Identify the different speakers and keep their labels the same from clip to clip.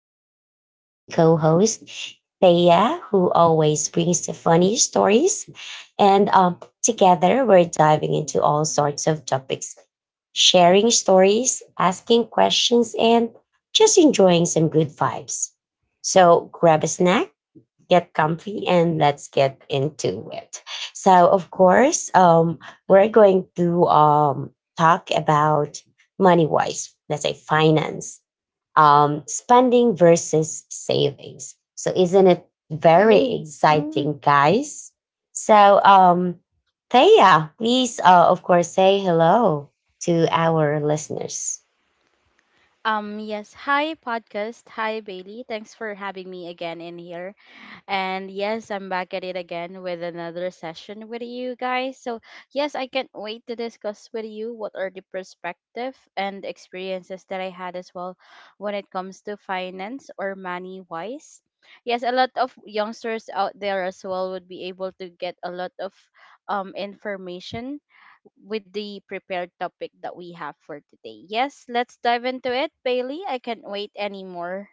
Speaker 1: my amazing co host, Thea, who always brings the funny stories. And Together we're diving into all sorts of topics, sharing stories, asking questions, and just enjoying some good vibes. So grab a snack, get comfy and let's get into it. So, of course, we're going to talk about money wise, let's say finance, spending versus savings. So, isn't it very Hey. Exciting, guys? So, Thea, please, of course, say hello to our listeners.
Speaker 2: Yes. Hi, podcast. Hi, Bailey. Thanks for having me again in here. And yes, I'm back at it again with another session with you guys. So, yes, I can't wait to discuss with you what are the perspective and experiences that I had as well when it comes to finance or money wise. Yes, a lot of youngsters out there as well would be able to get a lot of information with the prepared topic that we have for today. Yes, let's dive into it, Bailey. I can't wait anymore.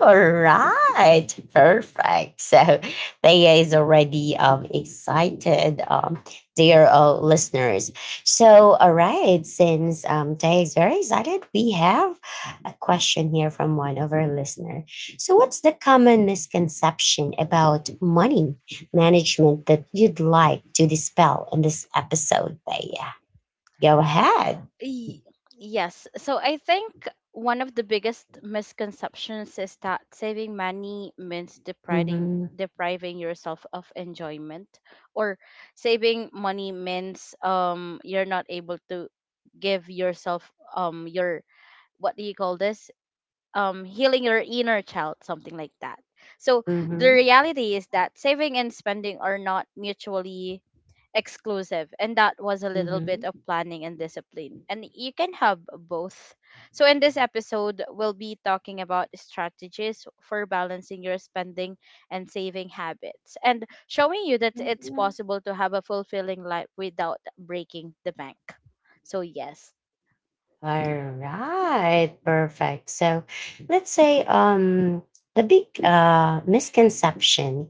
Speaker 1: All right, perfect. So Thea is already excited, dear listeners. So, all right, since Thea is very excited, we have a question here from one of our listeners. So, what's the common misconception about money management that you'd like to dispel in this episode, Thea? Go ahead.
Speaker 2: Y- Yes. So I think one of the biggest misconceptions is that saving money means depriving
Speaker 1: Mm-hmm,
Speaker 2: depriving yourself of enjoyment, or saving money means you're not able to give yourself your, what do you call this healing your inner child, something like that. So the
Speaker 1: mm-hmm,
Speaker 2: reality is that saving and spending are not mutually exclusive, and that was a little bit of
Speaker 1: mm-hmm.
Speaker 2: planning and discipline, and you can have both. So in this episode, we'll be talking about strategies for balancing your spending and saving habits, and showing you that it's possible to have a fulfilling life without breaking the bank. So yes,
Speaker 1: All right, perfect. So let's say the big misconception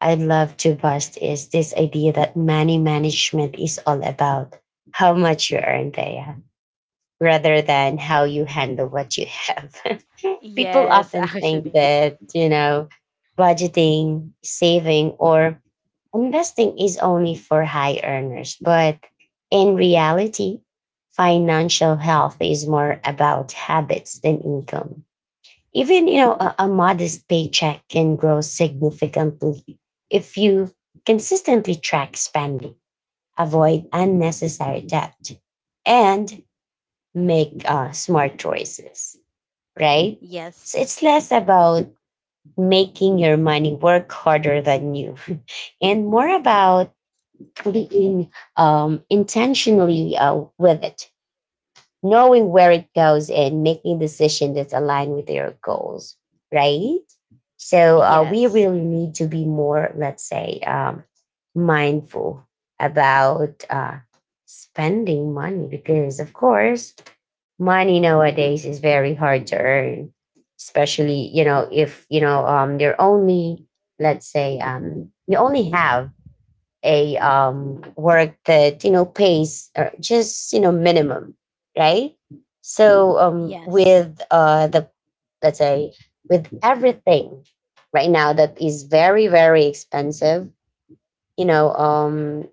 Speaker 1: I'd love to bust is this idea that money management is all about how much you earn there rather than how you handle what you have. People
Speaker 2: yes,
Speaker 1: often think
Speaker 2: actually,
Speaker 1: that, you know, budgeting, saving or investing is only for high earners, but in reality, financial health is more about habits than income. Even you know a modest paycheck can grow significantly if you consistently track spending, avoid unnecessary debt, and make smart choices, right? So
Speaker 2: yes.
Speaker 1: it's less about making your money work harder than you and more about being intentionally with it, knowing where it goes, and making decisions that's aligned with your goals, right? So we
Speaker 2: Yes.
Speaker 1: really need to be more, let's say, mindful about spending money because, of course, money nowadays is very hard to earn, especially you know if you know you're only let's say you only have a work that you know pays just you know minimum, right? So with
Speaker 2: Yes.
Speaker 1: the let's say with everything right now that is very very expensive, you know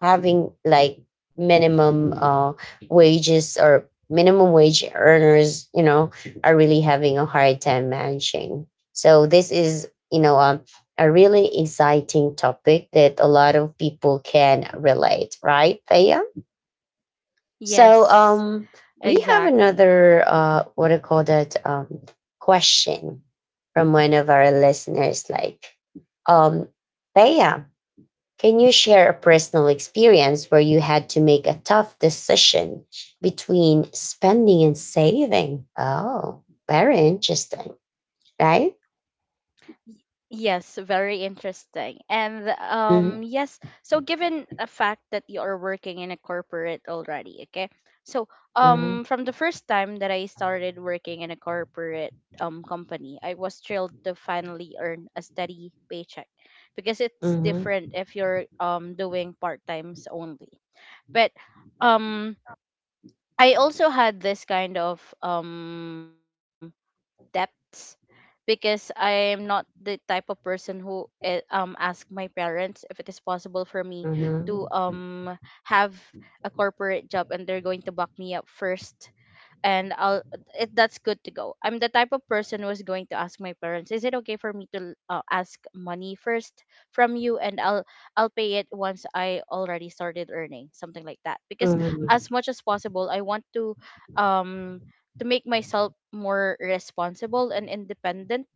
Speaker 1: having like minimum wages or minimum wage earners, you know, are really having a hard time managing. So this is, you know, a really exciting topic that a lot of people can relate, right, Thea? So
Speaker 2: Yes.
Speaker 1: we have
Speaker 2: Exactly.
Speaker 1: another what do you call that question from one of our listeners, like um, Thea, can you share a personal experience where you had to make a tough decision between spending and saving? Oh, very interesting, right?
Speaker 2: Y- Yes, very interesting. And
Speaker 1: Mhm,
Speaker 2: yes, so given a fact that you are working in a corporate already, okay? So,
Speaker 1: mhm,
Speaker 2: from the first time that I started working in a corporate company, I was thrilled to finally earn a steady paycheck, because it's
Speaker 1: mhm,
Speaker 2: different if you're doing part-times only. But um I also had this kind of debts, because I am not the type of person who ask my parents if it is possible for me to
Speaker 1: mhm,
Speaker 2: have a corporate job and they're going to back me up first, and I'll it, that's good to go. I'm the type of person who's going to ask my parents, "Is it okay for me to ask money first from you, and I'll pay it once I already started earning something like that?" Because
Speaker 1: mhm,
Speaker 2: as much as possible, I want um to make myself more responsible and independent,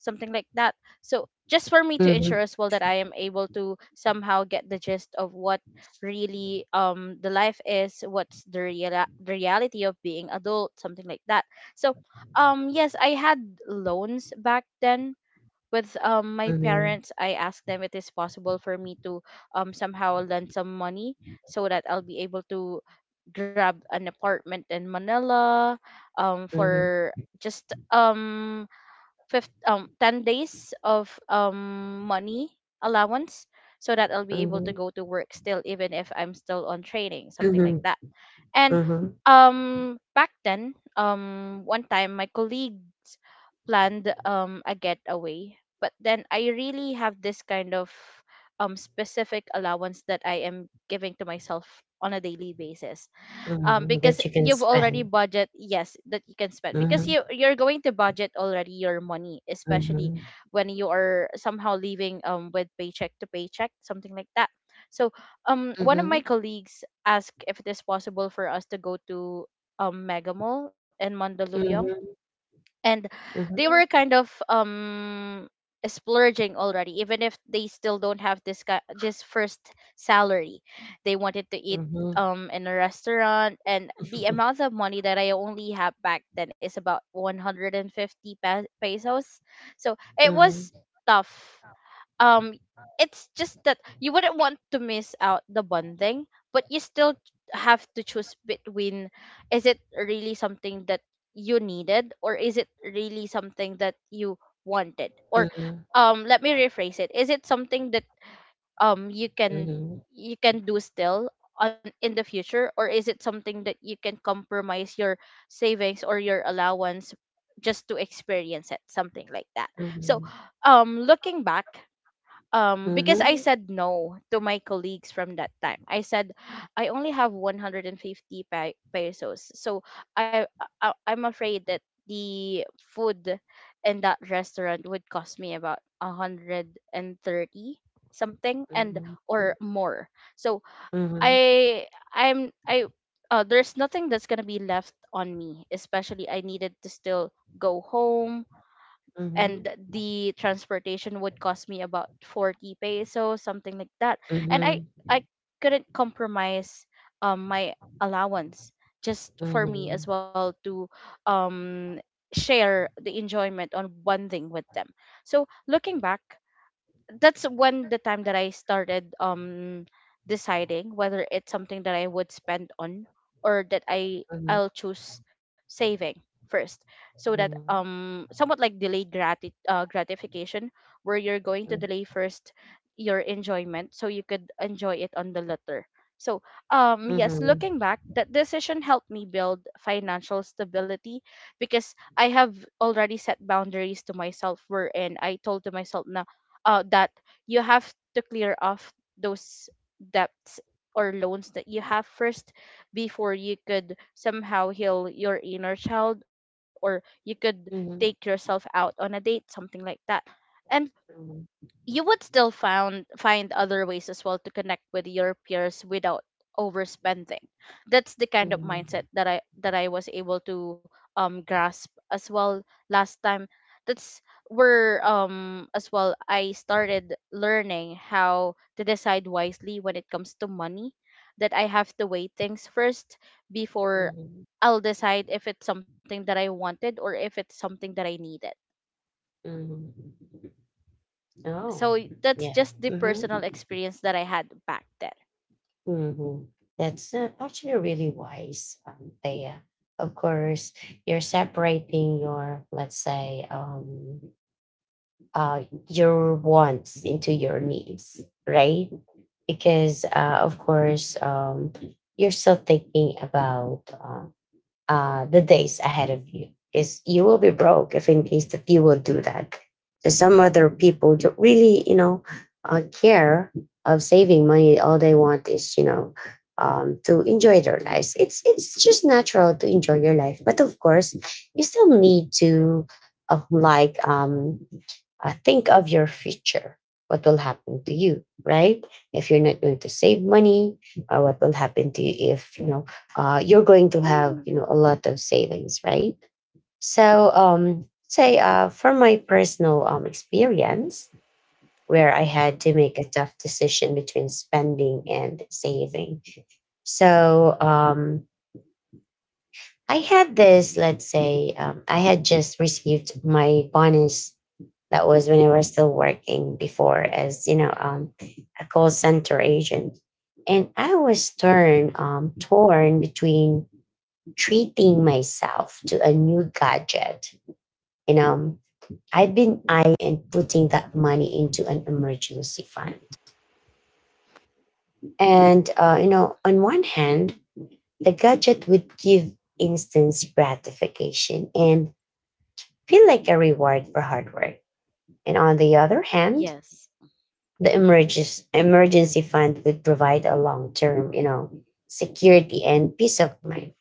Speaker 2: something like that. So just for me to
Speaker 1: mhm,
Speaker 2: ensure as well that I am able to somehow get the gist of what really the life is, what's the real, the reality of being adult, something like that. So yes, I had loans back then. With my
Speaker 1: mhm,
Speaker 2: parents, I asked them it is possible for me to somehow lend some money so that I'll be able to grab an apartment in Manila
Speaker 1: mhm, mhm,
Speaker 2: for just fifth 10 days of money allowance, so that I'll be able to go to work still even if I'm still on training, something like
Speaker 1: mhm,
Speaker 2: that. And
Speaker 1: mhm,
Speaker 2: back then, one time my colleagues planned a getaway, but then I really have this kind of specific allowance that I am giving to myself on a daily basis,
Speaker 1: mhm,
Speaker 2: because
Speaker 1: that you can
Speaker 2: you've already
Speaker 1: spend.
Speaker 2: budget, yes, that you can spend, because
Speaker 1: Mhm,
Speaker 2: you're going to budget already your money, especially
Speaker 1: mhm,
Speaker 2: when you are somehow living with paycheck to paycheck, something like that. So one of my
Speaker 1: mhm,
Speaker 2: colleagues asked if it is possible for us to go to Mega Mall in Mandaluyong,
Speaker 1: mhm,
Speaker 2: and they
Speaker 1: mhm,
Speaker 2: were
Speaker 1: mhm,
Speaker 2: kind of splurging already even if they still don't have this this first salary. They wanted to eat
Speaker 1: mhm, mhm,
Speaker 2: in a restaurant, and the amount of money that I only have back then is about 150 pesos. So it
Speaker 1: mhm,
Speaker 2: was tough. um it's just that you wouldn't want to miss out the bonding, but you still have to choose between, is it really something that you needed, or is it really something that you wanted, or let me rephrase it, is it something that um you can
Speaker 1: mhm,
Speaker 2: you can do still on in the future, or is it something that you can compromise your savings or your allowance just to experience it, something like that? So looking back, because I
Speaker 1: mhm,
Speaker 2: said no to my colleagues from that time. I said I only have 150 pesos. So I, I'm afraid that the food in that restaurant would cost me about 130 something, and or more. So
Speaker 1: mhm, mhm.
Speaker 2: I I'm I there's nothing that's going to be left on me, especially I needed to still go home, and
Speaker 1: Mhm,
Speaker 2: the transportation would cost me about 40 pesos, something like that. And
Speaker 1: mhm,
Speaker 2: I couldn't compromise my allowance just for me as
Speaker 1: mhm,
Speaker 2: well to um share the enjoyment on one thing with them. So looking back, that's when the time that I started deciding whether it's something that I would spend on, or that I
Speaker 1: mhm, mhm,
Speaker 2: I'll choose saving first, so that
Speaker 1: mhm,
Speaker 2: somewhat like delayed gratification, where you're going to delay first your enjoyment so you could enjoy it on the later. So yes,
Speaker 1: mhm,
Speaker 2: looking back, that decision helped me build financial stability, because I have already set boundaries to myself, wherein I told to myself na, that you have to clear off those debts or loans that you have first before you could somehow heal your inner child, or you could take
Speaker 1: mhm,
Speaker 2: yourself out on a date, something like that. And
Speaker 1: mhm,
Speaker 2: you would still found find other ways as well to connect with your peers without overspending. That's the kind of
Speaker 1: mhm,
Speaker 2: mindset that i was able to grasp as well last time. That's where as well I started learning how to decide wisely when it comes to money, that I have to weigh things first
Speaker 1: mhm,
Speaker 2: before
Speaker 1: mhm.
Speaker 2: I'll decide if it's something that I wanted or if it's something that I needed.
Speaker 1: Oh,
Speaker 2: So that's
Speaker 1: yeah.
Speaker 2: just the
Speaker 1: Mhm,
Speaker 2: personal experience that I had back then.
Speaker 1: mhm. That's actually really wise, Thea. Of course, you're separating your, let's say, uh, your wants into your needs, right? Because, of course, you're still thinking about the days ahead of you is you will be broke if in case that you will do that. So some other people don't really, you know, care of saving money. All they want is, you know, to enjoy their lives. It's just natural to enjoy your life, but of course, you still need to like think of your future. What will happen to you, right? If you're not going to save money, or what will happen to you if you know you're going to have you know a lot of savings, right? So, say from my personal experience, where I had to make a tough decision between spending and saving. So, I had this. Let's say I had just received my bonus. That was when I was still working before as, you know, a call center agent. And I was torn, torn between treating myself to a new gadget. You know, I've been eyeing putting that money into an emergency fund. And, you know, on one hand, the gadget would give instant gratification and feel like a reward for hard work. And on the other hand,
Speaker 2: Yes.
Speaker 1: the emergency fund would provide a long term, you know, security and peace of mind.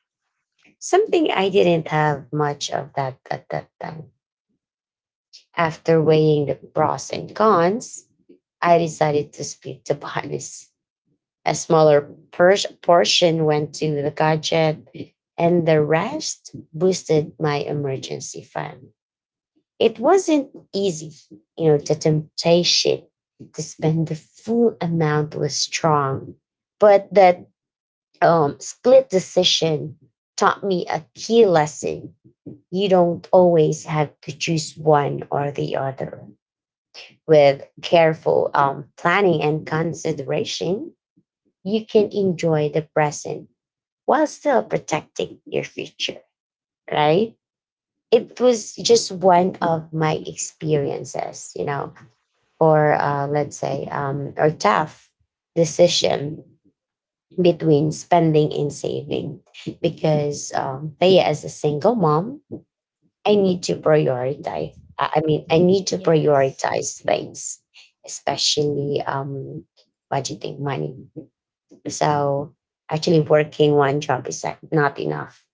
Speaker 1: Something I didn't have much of that at that time. After weighing the pros and cons, I decided to split the bonus. A smaller portion went to the gadget, and the rest boosted my emergency fund. It wasn't easy. You know, the temptation to spend the full amount was strong, but that split decision taught me a key lesson. You don't always have to choose one or the other. With careful planning and consideration, you can enjoy the present while still protecting your future, right? It was just one of my experiences, you know, or let's say or tough decision between spending and saving because Thea as a single mom, I need to prioritize. I mean, I need to
Speaker 2: Yes.
Speaker 1: prioritize things, especially budgeting money. So actually, working one job is like not enough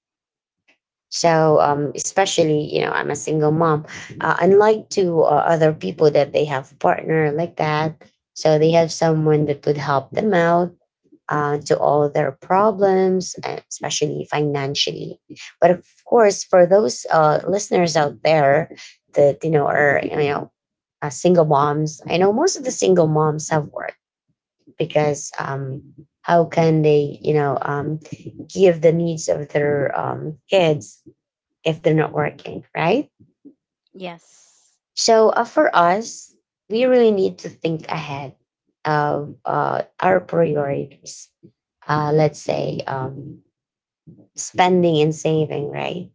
Speaker 1: so, especially, you know, I'm a single mom. Unlike to other people that they have a partner like that, so they have someone that would help them out to all their problems, especially financially. But of course, for those listeners out there that you know are you know single moms, I know most of the single moms have work because how can they you know give the needs of their kids if they're not working, right?
Speaker 2: Yes.
Speaker 1: So for us, we really need to think ahead of our priorities. Let's say spending and saving, right?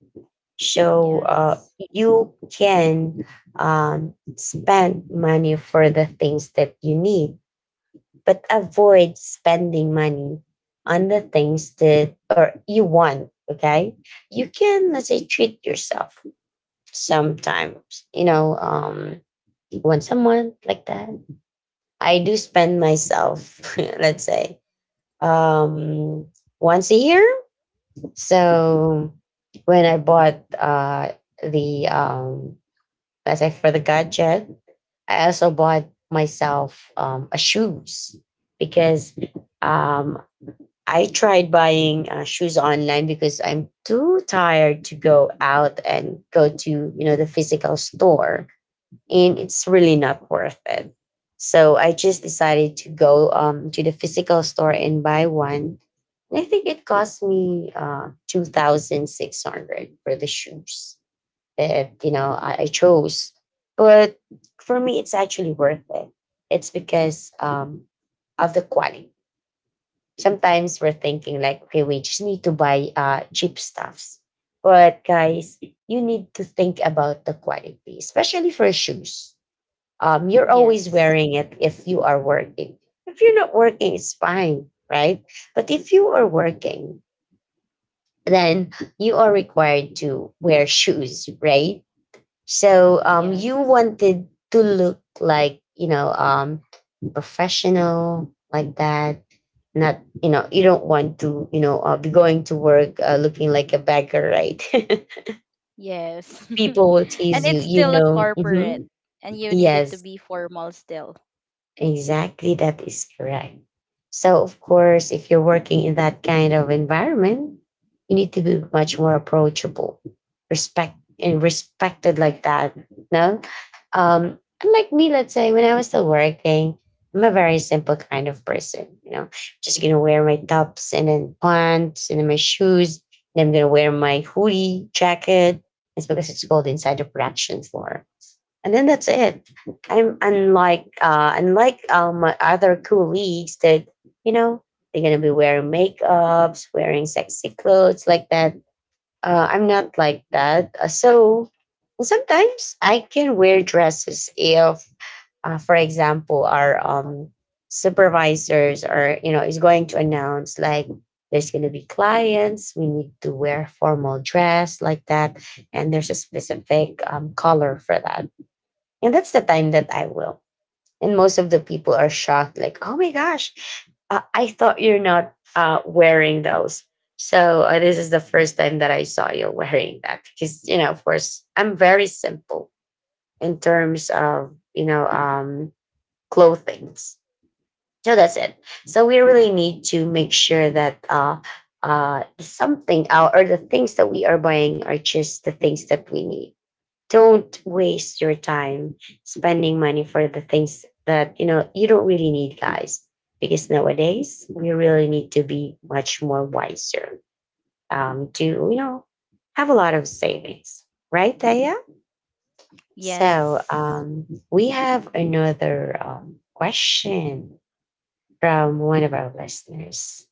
Speaker 1: So
Speaker 2: Yes.
Speaker 1: you can spend money for the things that you need, but avoid spending money on the things that or you want. Okay, you can let's say treat yourself sometimes. You know, when someone like that I do spend myself let's say um once a year. So when I bought the let's say for the gadget, I also bought myself a shoes because um I tried buying shoes online because I'm too tired to go out and go to you know the physical store and it's really not worth it. So I just decided to go to the physical store and buy one. And I think it cost me two thousand six hundred for the shoes that you know I chose. But for me, it's actually worth it. It's because of the quality. Sometimes we're thinking like, okay, we just need to buy cheap stuffs. But guys, you need to think about the quality, especially for shoes you're always
Speaker 2: Yes.
Speaker 1: wearing it if you are working. If you're not working, it's fine, right? But if you are working, then you are required to wear shoes, right? So you
Speaker 2: Yes.
Speaker 1: wanted to look like, you know, professional like that. Not, you know, you don't want to, you know, be going to work looking like a beggar, right?
Speaker 2: Yes.
Speaker 1: People will
Speaker 2: And
Speaker 1: tease you,
Speaker 2: it's
Speaker 1: you
Speaker 2: still a
Speaker 1: know.
Speaker 2: corporate, and you needed to
Speaker 1: Yes.
Speaker 2: be formal still.
Speaker 1: Exactly, that is correct. So, of course, if you're working in that kind of environment, you need to be much more approachable, respect and respected like that. No, unlike me, let's say when I was still working, I'm a very simple kind of person. You know, just gonna wear my tops and then pants and then my shoes, and I'm gonna wear my hoodie jacket. It's because it's cold inside the production floor and then that's it. I'm unlike my other colleagues that you know they're gonna be wearing makeups, wearing sexy clothes like that. I'm not like that. So sometimes I can wear dresses if, for example, our supervisors are you know is going to announce like there's gonna be clients. We need to wear formal dress like that, and there's a specific color for that and that's the time that I will. And most of the people are shocked, like, oh my gosh, I thought you're not wearing those. So this is the first time that I saw you wearing that because, you know, of course, I'm very simple in terms of, you know, clothing. So that's it. So we really need to make sure that something out or the things that we are buying are just the things that we need. Don't waste your time spending money for the things that you know you don't really need, guys, because nowadays we really need to be much more wiser to you know have a lot of savings, right, Taya? so
Speaker 2: Yes.
Speaker 1: um, we have another question from one of our listeners.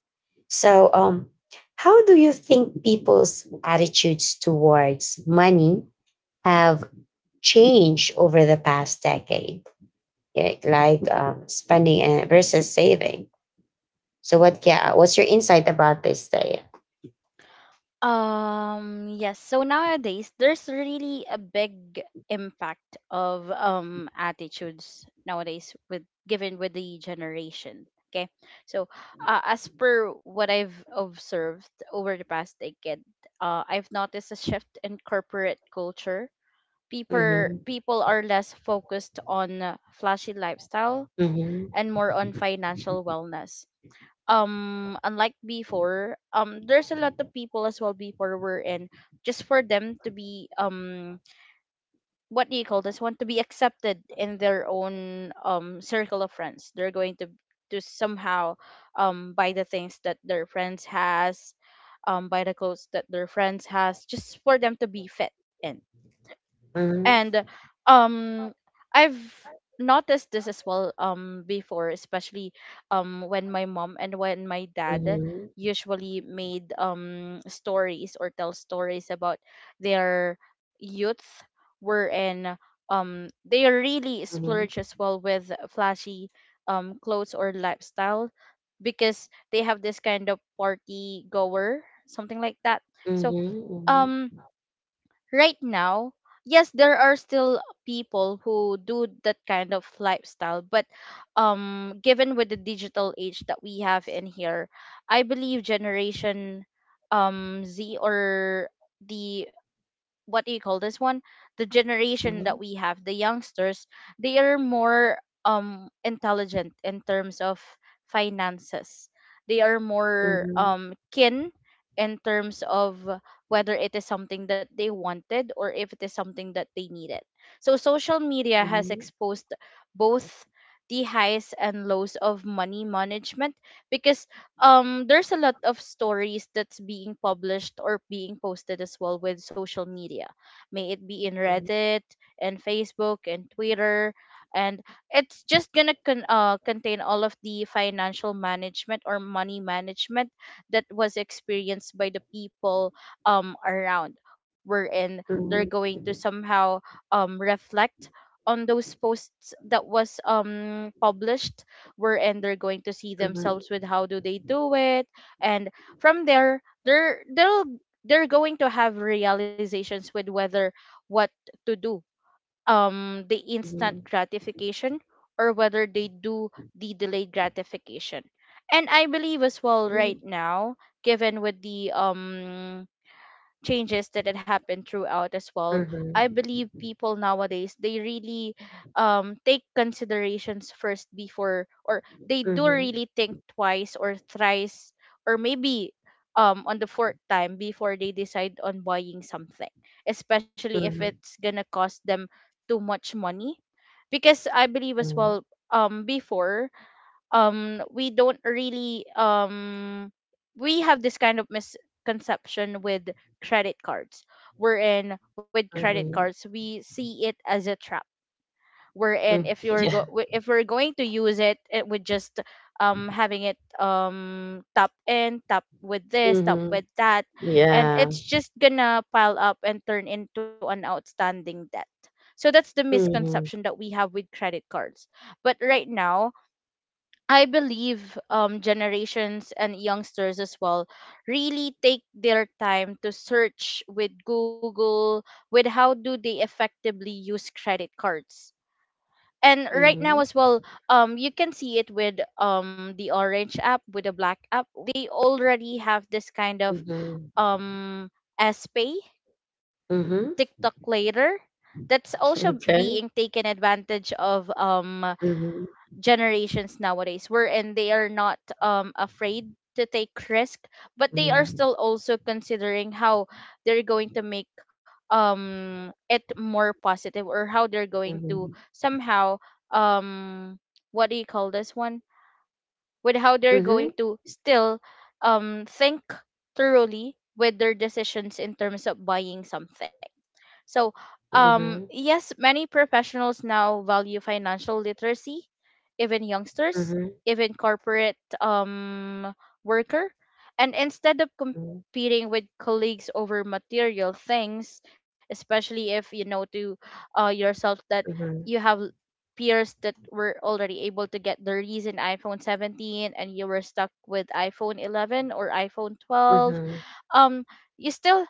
Speaker 1: So how do you think people's attitudes towards money have change over the past decade, yeah, like spending and versus saving. So, what's your insight about this day?
Speaker 2: Yes. So nowadays, there's really a big impact of attitudes nowadays with, given with the generation. Okay. So, as per what I've observed over the past decade, I've noticed a shift in corporate culture. People
Speaker 1: Mm-hmm.
Speaker 2: people are less focused on flashy lifestyle
Speaker 1: Mm-hmm.
Speaker 2: and more on financial wellness. Unlike before, there's a lot of people as well before were in, just for them to be what do you call this one to be accepted in their own circle of friends, they're going to somehow buy the things that their friends has, buy the clothes that their friends has, just for them to be fit in.
Speaker 1: Mm-hmm.
Speaker 2: And um I've noticed this as well before, especially when my mom and when my dad usually made stories, or tell stories about their youth, were in they really
Speaker 1: Mm-hmm.
Speaker 2: splurge as well with flashy clothes or lifestyle, because they have this kind of party goer, something like that. So
Speaker 1: Mhm, mhm,
Speaker 2: um right now, yes, there are still people who do that kind of lifestyle, but given with the digital age that we have in here, I believe Generation Z, or the, what do you call this one the generation
Speaker 1: mhm,
Speaker 2: that we have, the youngsters, they are more intelligent in terms of finances. They are more
Speaker 1: mhm,
Speaker 2: keen in terms of whether it is something that they wanted or if it is something that they needed. So social media has
Speaker 1: mhm,
Speaker 2: exposed both the highs and lows of money management, because there's a lot of stories that's being published or being posted as well with social media, may it be in
Speaker 1: mhm,
Speaker 2: Reddit and Facebook and Twitter, and it's just gonna contain all of the financial management or money management that was experienced by the people around, wherein they're
Speaker 1: mhm,
Speaker 2: going to somehow reflect on those posts that was published, wherein they're going to see
Speaker 1: mhm,
Speaker 2: themselves with how do they do it. And from there, they'll they're going to have realizations with whether what to do, the
Speaker 1: mhm, mhm,
Speaker 2: instant gratification, or whether they do the delayed gratification. And I believe as well right now, given with the changes that had happened throughout as well, I
Speaker 1: mhm,
Speaker 2: believe people nowadays they really take considerations first before, or they do
Speaker 1: mhm,
Speaker 2: really think twice or thrice, or maybe on the fourth time before they decide on buying something, especially if
Speaker 1: mhm,
Speaker 2: it's gonna cost them too much money. Because I believe as
Speaker 1: mhm,
Speaker 2: well, before we don't really um, we have this kind of misconception with credit cards, We're in with credit
Speaker 1: mhm,
Speaker 2: cards we see it as a trap, We're in
Speaker 1: mm.
Speaker 2: if you're
Speaker 1: Yeah.
Speaker 2: if we're going to use it, it would just having it, top in top with this, top
Speaker 1: Mhm.
Speaker 2: with that, and
Speaker 1: Yeah.
Speaker 2: it's just gonna pile up and turn into an outstanding debt. So that's the
Speaker 1: Mhm,
Speaker 2: misconception that we have with credit cards, but right now I believe, generations and youngsters as well really take their time to search with Google with how do they effectively use credit cards. And right now
Speaker 1: mhm,
Speaker 2: as well, you can see it with the orange app, with the black app. They already have this kind of
Speaker 1: mhm,
Speaker 2: um, S Pay,
Speaker 1: mhm,
Speaker 2: TikTok later. That's also
Speaker 1: okay.
Speaker 2: being taken advantage of,
Speaker 1: Mhm,
Speaker 2: generations nowadays wherein they are not afraid to take risk, but they are
Speaker 1: mhm,
Speaker 2: still also considering how they're going to make it more positive, or how they're going to
Speaker 1: mhm,
Speaker 2: somehow, um what do you call this one, with how they're going
Speaker 1: mhm,
Speaker 2: to still think thoroughly with their decisions in terms of buying something. So,
Speaker 1: mhm, mhm,
Speaker 2: yes, many professionals now value financial literacy, even youngsters,
Speaker 1: mhm,
Speaker 2: even corporate worker. And instead of
Speaker 1: mhm,
Speaker 2: competing with colleagues over material things, especially if you know to yourself that you
Speaker 1: mhm,
Speaker 2: have peers that were already able to get the recent iPhone 17, and you were stuck with iPhone 11 or iPhone 12,
Speaker 1: mhm,
Speaker 2: um, you still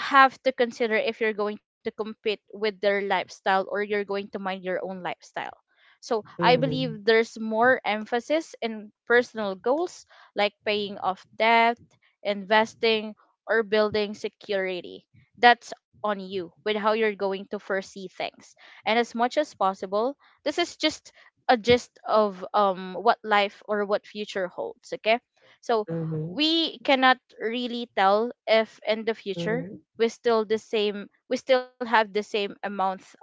Speaker 2: have to consider if you're going to compete with their lifestyle or you're going to mind your own lifestyle. So I
Speaker 1: mhm,
Speaker 2: believe there's more emphasis in personal goals like paying off debt, investing, or building security. That's on you with how you're going to foresee things. And as much as possible, this is just a gist of what life or what future holds, okay? So
Speaker 1: mhm,
Speaker 2: we cannot really tell if in the future we still have the same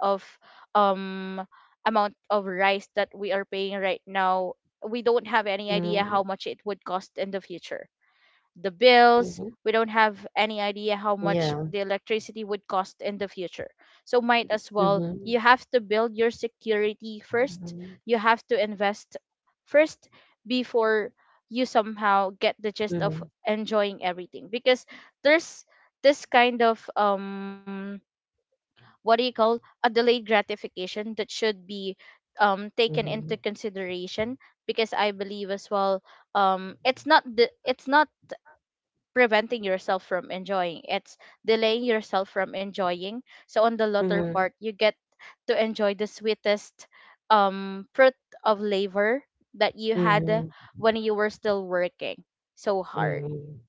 Speaker 2: um amount of rice that we are paying right now. We don't have any idea how
Speaker 1: mhm,
Speaker 2: much it would cost in the future. The bills,
Speaker 1: mhm.
Speaker 2: we don't have any idea how much
Speaker 1: Yeah.
Speaker 2: the electricity would cost in the future. So might as well, you
Speaker 1: Mhm,
Speaker 2: have to build your security first.
Speaker 1: mhm,
Speaker 2: You have to invest first before you somehow get the gist of
Speaker 1: mhm,
Speaker 2: enjoying everything, because there's this kind of what do you call a delayed gratification that should be taken
Speaker 1: mhm.
Speaker 2: into consideration. Because I believe as well, it's not preventing yourself from enjoying. It's delaying yourself from enjoying. So on the latter
Speaker 1: Mhm,
Speaker 2: part, you get to enjoy the sweetest fruit of labor that you had
Speaker 1: mhm,
Speaker 2: when you were still working so hard.
Speaker 1: mhm.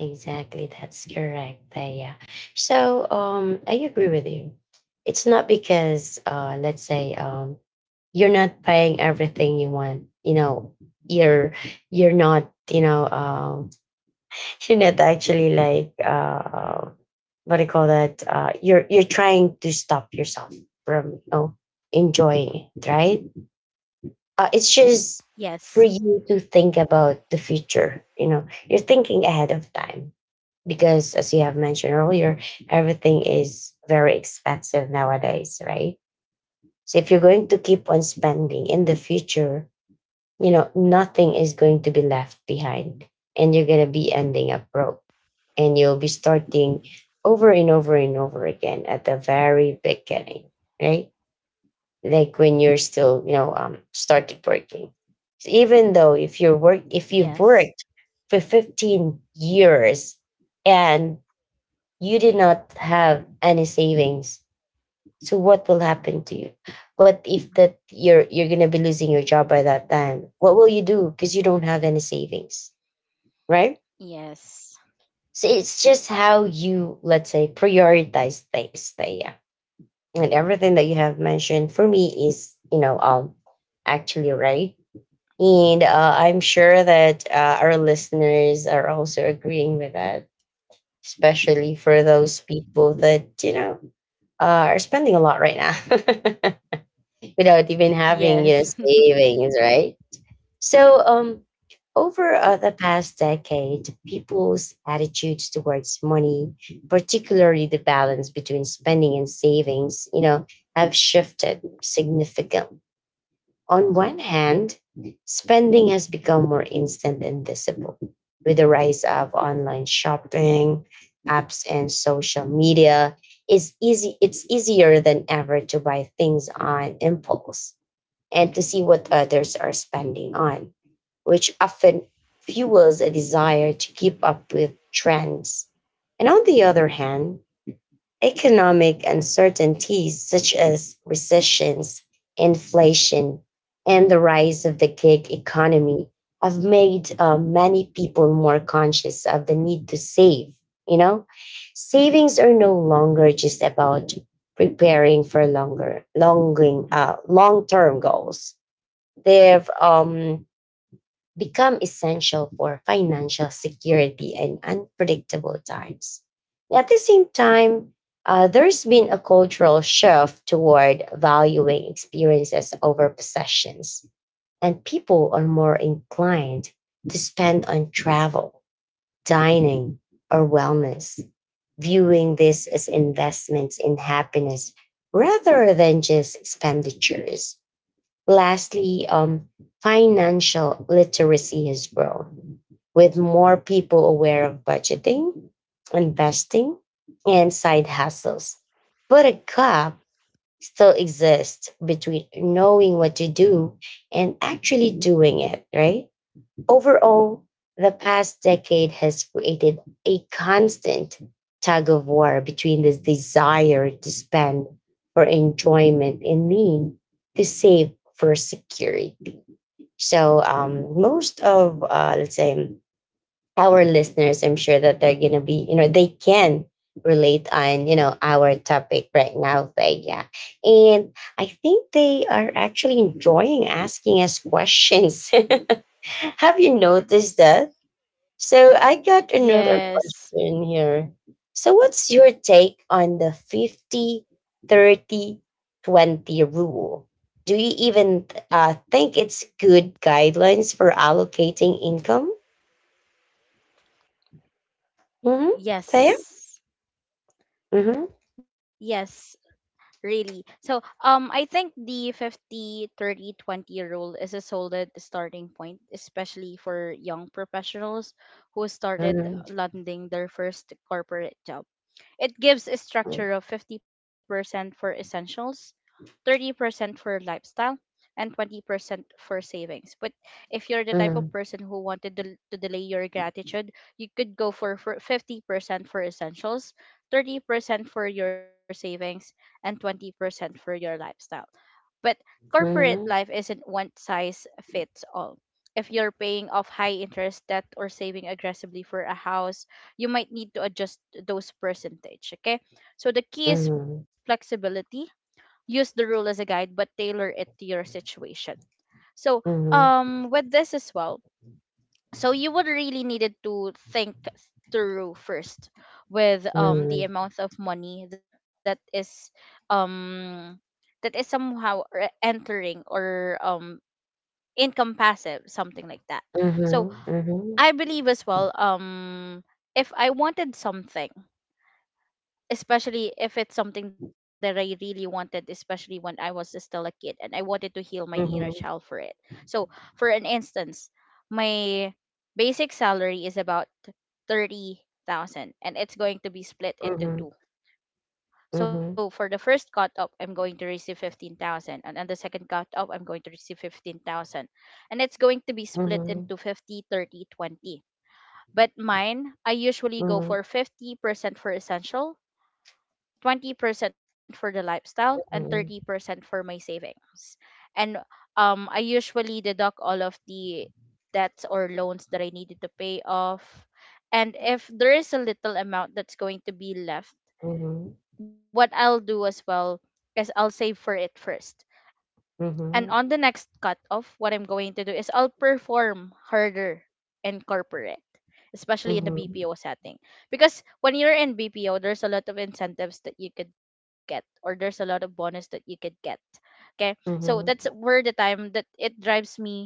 Speaker 1: Exactly, that's correct. Yeah. So, I agree with you. It's not because, let's say, you're not paying everything you want. You know, you're you're not. You know, you're not actually like, what do you call that? You're trying to stop yourself from, you know, enjoying it, right? It's just for
Speaker 2: Yes.
Speaker 1: you to think about the future. You know, you're thinking ahead of time because as you have mentioned earlier, everything is very expensive nowadays, right? So if you're going to keep on spending in the future, you know, nothing is going to be left behind, and you're going to be ending up broke, and you'll be starting over and over and over again at the very beginning, right? Like when you're still, you know, started working. So even though if you've
Speaker 2: Yes.
Speaker 1: worked for 15 years and you did not have any savings, so what will happen to you? What if that you're going to be losing your job by that time? What will you do because you don't have any savings, right?
Speaker 2: Yes.
Speaker 1: So it's just how you, let's say, prioritize things, yeah, and everything that you have mentioned for me is, you know, actually right. And I'm sure that our listeners are also agreeing with that, especially for those people that, you know, are spending a lot right now without even
Speaker 2: Yes.
Speaker 1: having, you know, savings, right? So, over the past decade, people's attitudes towards money, particularly the balance between spending and savings, you know, have shifted significantly. On one hand, spending has become more instant and visible with the rise of online shopping, apps, and social media. It's easy. It's easier than ever to buy things on impulse and to see what others are spending on, which often fuels a desire to keep up with trends. And on the other hand, economic uncertainties such as recessions, inflation, and the rise of the gig economy have made many people more conscious of the need to save. You know, savings are no longer just about preparing for long-term goals. They've become essential for financial security in unpredictable times. At the same time, there's been a cultural shift toward valuing experiences over possessions, and people are more inclined to spend on travel, dining, or wellness, viewing this as investments in happiness rather than just expenditures. Lastly, financial literacy has grown with more people aware of budgeting, investing, and side hustles. But a gap still exists between knowing what to do and actually doing it, right? Overall, the past decade has created a constant tug of war between this desire to spend for enjoyment and need to save for security. So, most of, let's say, our listeners, I'm sure that they're going to be, you know, they can relate on, you know, our topic right now, but yeah. And I think they are actually enjoying asking us questions. Have you noticed that? So I got another
Speaker 2: Yes.
Speaker 1: question here. So what's your take on the 50, 30, 20 rule? Do you even think it's good guidelines for allocating income? Mm-hmm. Thea?
Speaker 2: Yes.
Speaker 1: Mm-hmm.
Speaker 2: Yes. Really. So I think the 50, 30, 20 rule is a solid starting point, especially for young professionals who started
Speaker 1: Mm-hmm.
Speaker 2: landing their first corporate job. It gives a structure of 50% for essentials, 30% for lifestyle, and 20% for savings. But if you're the type
Speaker 1: Mm-hmm.
Speaker 2: of person who wanted to delay your gratitude, you could go for 50% for essentials, 30% for your savings, and 20% for your lifestyle. But corporate
Speaker 1: Mm-hmm.
Speaker 2: life isn't one size fits all. If you're paying off high interest debt or saving aggressively for a house, you might need to adjust those percentage, okay? So the key is flexibility. Use the rule as a guide but tailor it to your situation. So
Speaker 1: Mm-hmm.
Speaker 2: with this as well, so you would really needed to think through first
Speaker 1: Mm-hmm.
Speaker 2: with the
Speaker 1: Mm-hmm.
Speaker 2: amount of money that is um somehow entering, or income passive, something like that. So
Speaker 1: Mm-hmm.
Speaker 2: I believe as well, if I wanted something, especially if it's something that I really wanted, especially when I was still a kid and I wanted to heal my inner
Speaker 1: Mm-hmm.
Speaker 2: child for it. So, for an instance, my basic salary is about 30,000 and it's going to be split
Speaker 1: Mm-hmm.
Speaker 2: into two.
Speaker 1: Mm-hmm.
Speaker 2: So, for the first cut up, I'm going to receive 15,000, and on the second cut up, I'm going to receive 15,000, and it's going to be split
Speaker 1: Mm-hmm.
Speaker 2: into 50, 30, 20. But mine, I usually go
Speaker 1: Mm-hmm.
Speaker 2: for 50% for essential, 20% for the lifestyle, and 30% for my savings. And I usually deduct all of the debts or loans that I needed to pay off. And if there is a little amount that's going to be left,
Speaker 1: Mm-hmm.
Speaker 2: what I'll do as well is I'll save for it first. And
Speaker 1: Mm-hmm.
Speaker 2: on the next cut off, what I'm going to do is I'll perform harder in corporate, especially in the BPO setting. Because when you're in BPO, there's a lot of incentives that you could get, or there's a lot of bonus that you could get. Okay. So that's
Speaker 1: Mm-hmm.
Speaker 2: where the time that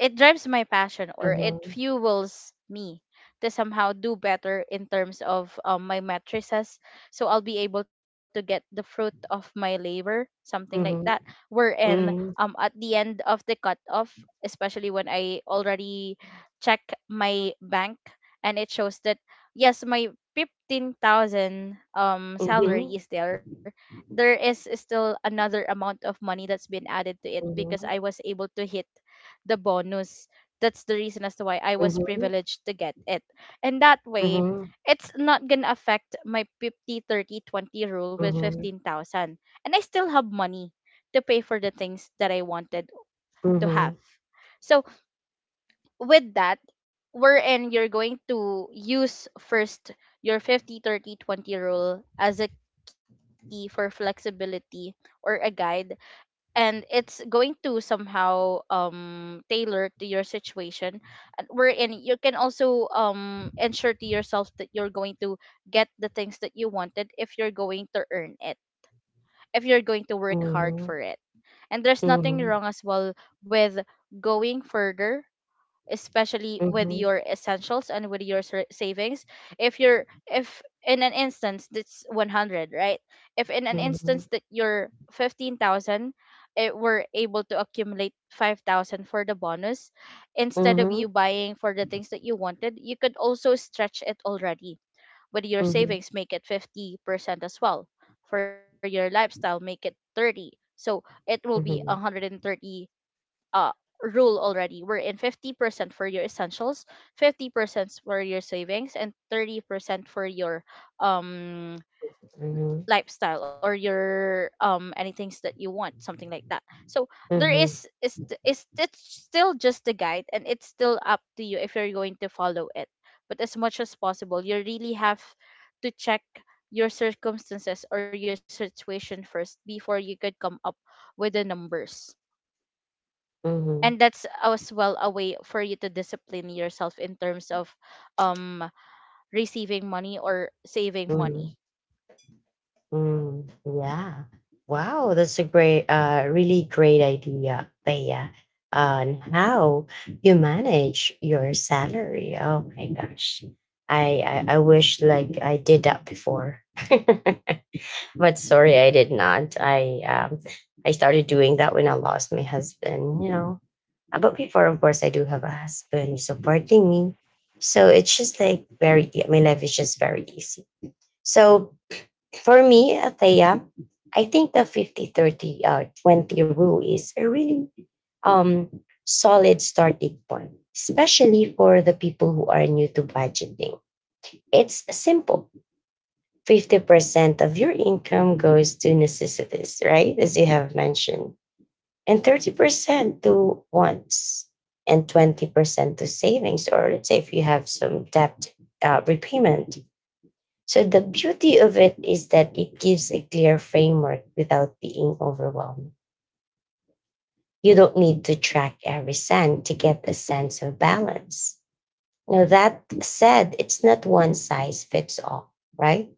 Speaker 2: it drives my passion, or it
Speaker 1: Mm-hmm.
Speaker 2: fuels me to somehow do better in terms of my matrices, so I'll be able to get the fruit of my labor, something like that,
Speaker 1: Mhm,
Speaker 2: wherein
Speaker 1: mhm,
Speaker 2: at the end of the cutoff, especially when I already check my bank and it shows that yes, my 15,000 salary
Speaker 1: mhm,
Speaker 2: is there, there is still another amount of money that's been added to it because I
Speaker 1: mhm,
Speaker 2: was able to hit the bonus. That's the reason as to why I was
Speaker 1: mhm,
Speaker 2: privileged to get it. And that way,
Speaker 1: mhm,
Speaker 2: it's not going to affect my 50/30/20 rule with
Speaker 1: mhm,
Speaker 2: 15,000. And I still have money to pay for the things that I wanted
Speaker 1: mhm,
Speaker 2: to have.
Speaker 1: mhm,
Speaker 2: So, with that, wherein you're going to use first your 50/30/20 rule as a key for flexibility or a guide, and it's going to somehow tailor to your situation, and wherein you can also ensure to yourself that you're going to get the things that you wanted, if you're going to earn it, if you're going to work hard
Speaker 1: mhm,
Speaker 2: for it. And there's nothing
Speaker 1: mhm,
Speaker 2: wrong as well with going further, especially with
Speaker 1: mhm,
Speaker 2: your essentials and with your savings, if in an instance that's 100, right, if in an
Speaker 1: mhm,
Speaker 2: instance that you're 15,000, it were able to accumulate 5000 for the bonus, instead of you
Speaker 1: mhm,
Speaker 2: buying for the things that you wanted, you could also stretch it already. With your
Speaker 1: mhm, mhm,
Speaker 2: savings, make it 50% as well. For your lifestyle, make it 30. So it will be 130 uh rule already, we're in 50% for your essentials, 50% for your savings, and 30% for your um
Speaker 1: mhm,
Speaker 2: lifestyle, or your anything that you want, something like that. So there
Speaker 1: mhm,
Speaker 2: is it's still just a guide, and it's still up to you if you're going to follow it. But as much as possible, you really have to check your circumstances or your situation first before you could come up with the numbers.
Speaker 1: mhm,
Speaker 2: And that's as well a way for you to discipline yourself in terms of um receiving money or saving
Speaker 1: mhm.
Speaker 2: money.
Speaker 1: Yeah. Wow, that's a great, really great idea, Thea, on how you manage your salary. Oh my gosh. I wish like I did that before. But sorry, I did not. I started doing that when I lost my husband. You know, but before, of course, I do have a husband who's supporting me. So it's just like my life is just very easy. So for me, Athea, I think the 50 30 20 rule is a really um solid starting point, especially for the people who are new to budgeting. It's simple. 50% of your income goes to necessities, right? As you have mentioned, and 30% to wants, and 20% to savings, or let's say if you have some debt repayment. So the beauty of it is that it gives a clear framework without being overwhelmed. You don't need to track every cent to get a sense of balance. Now, that said, it's not one size fits all, right?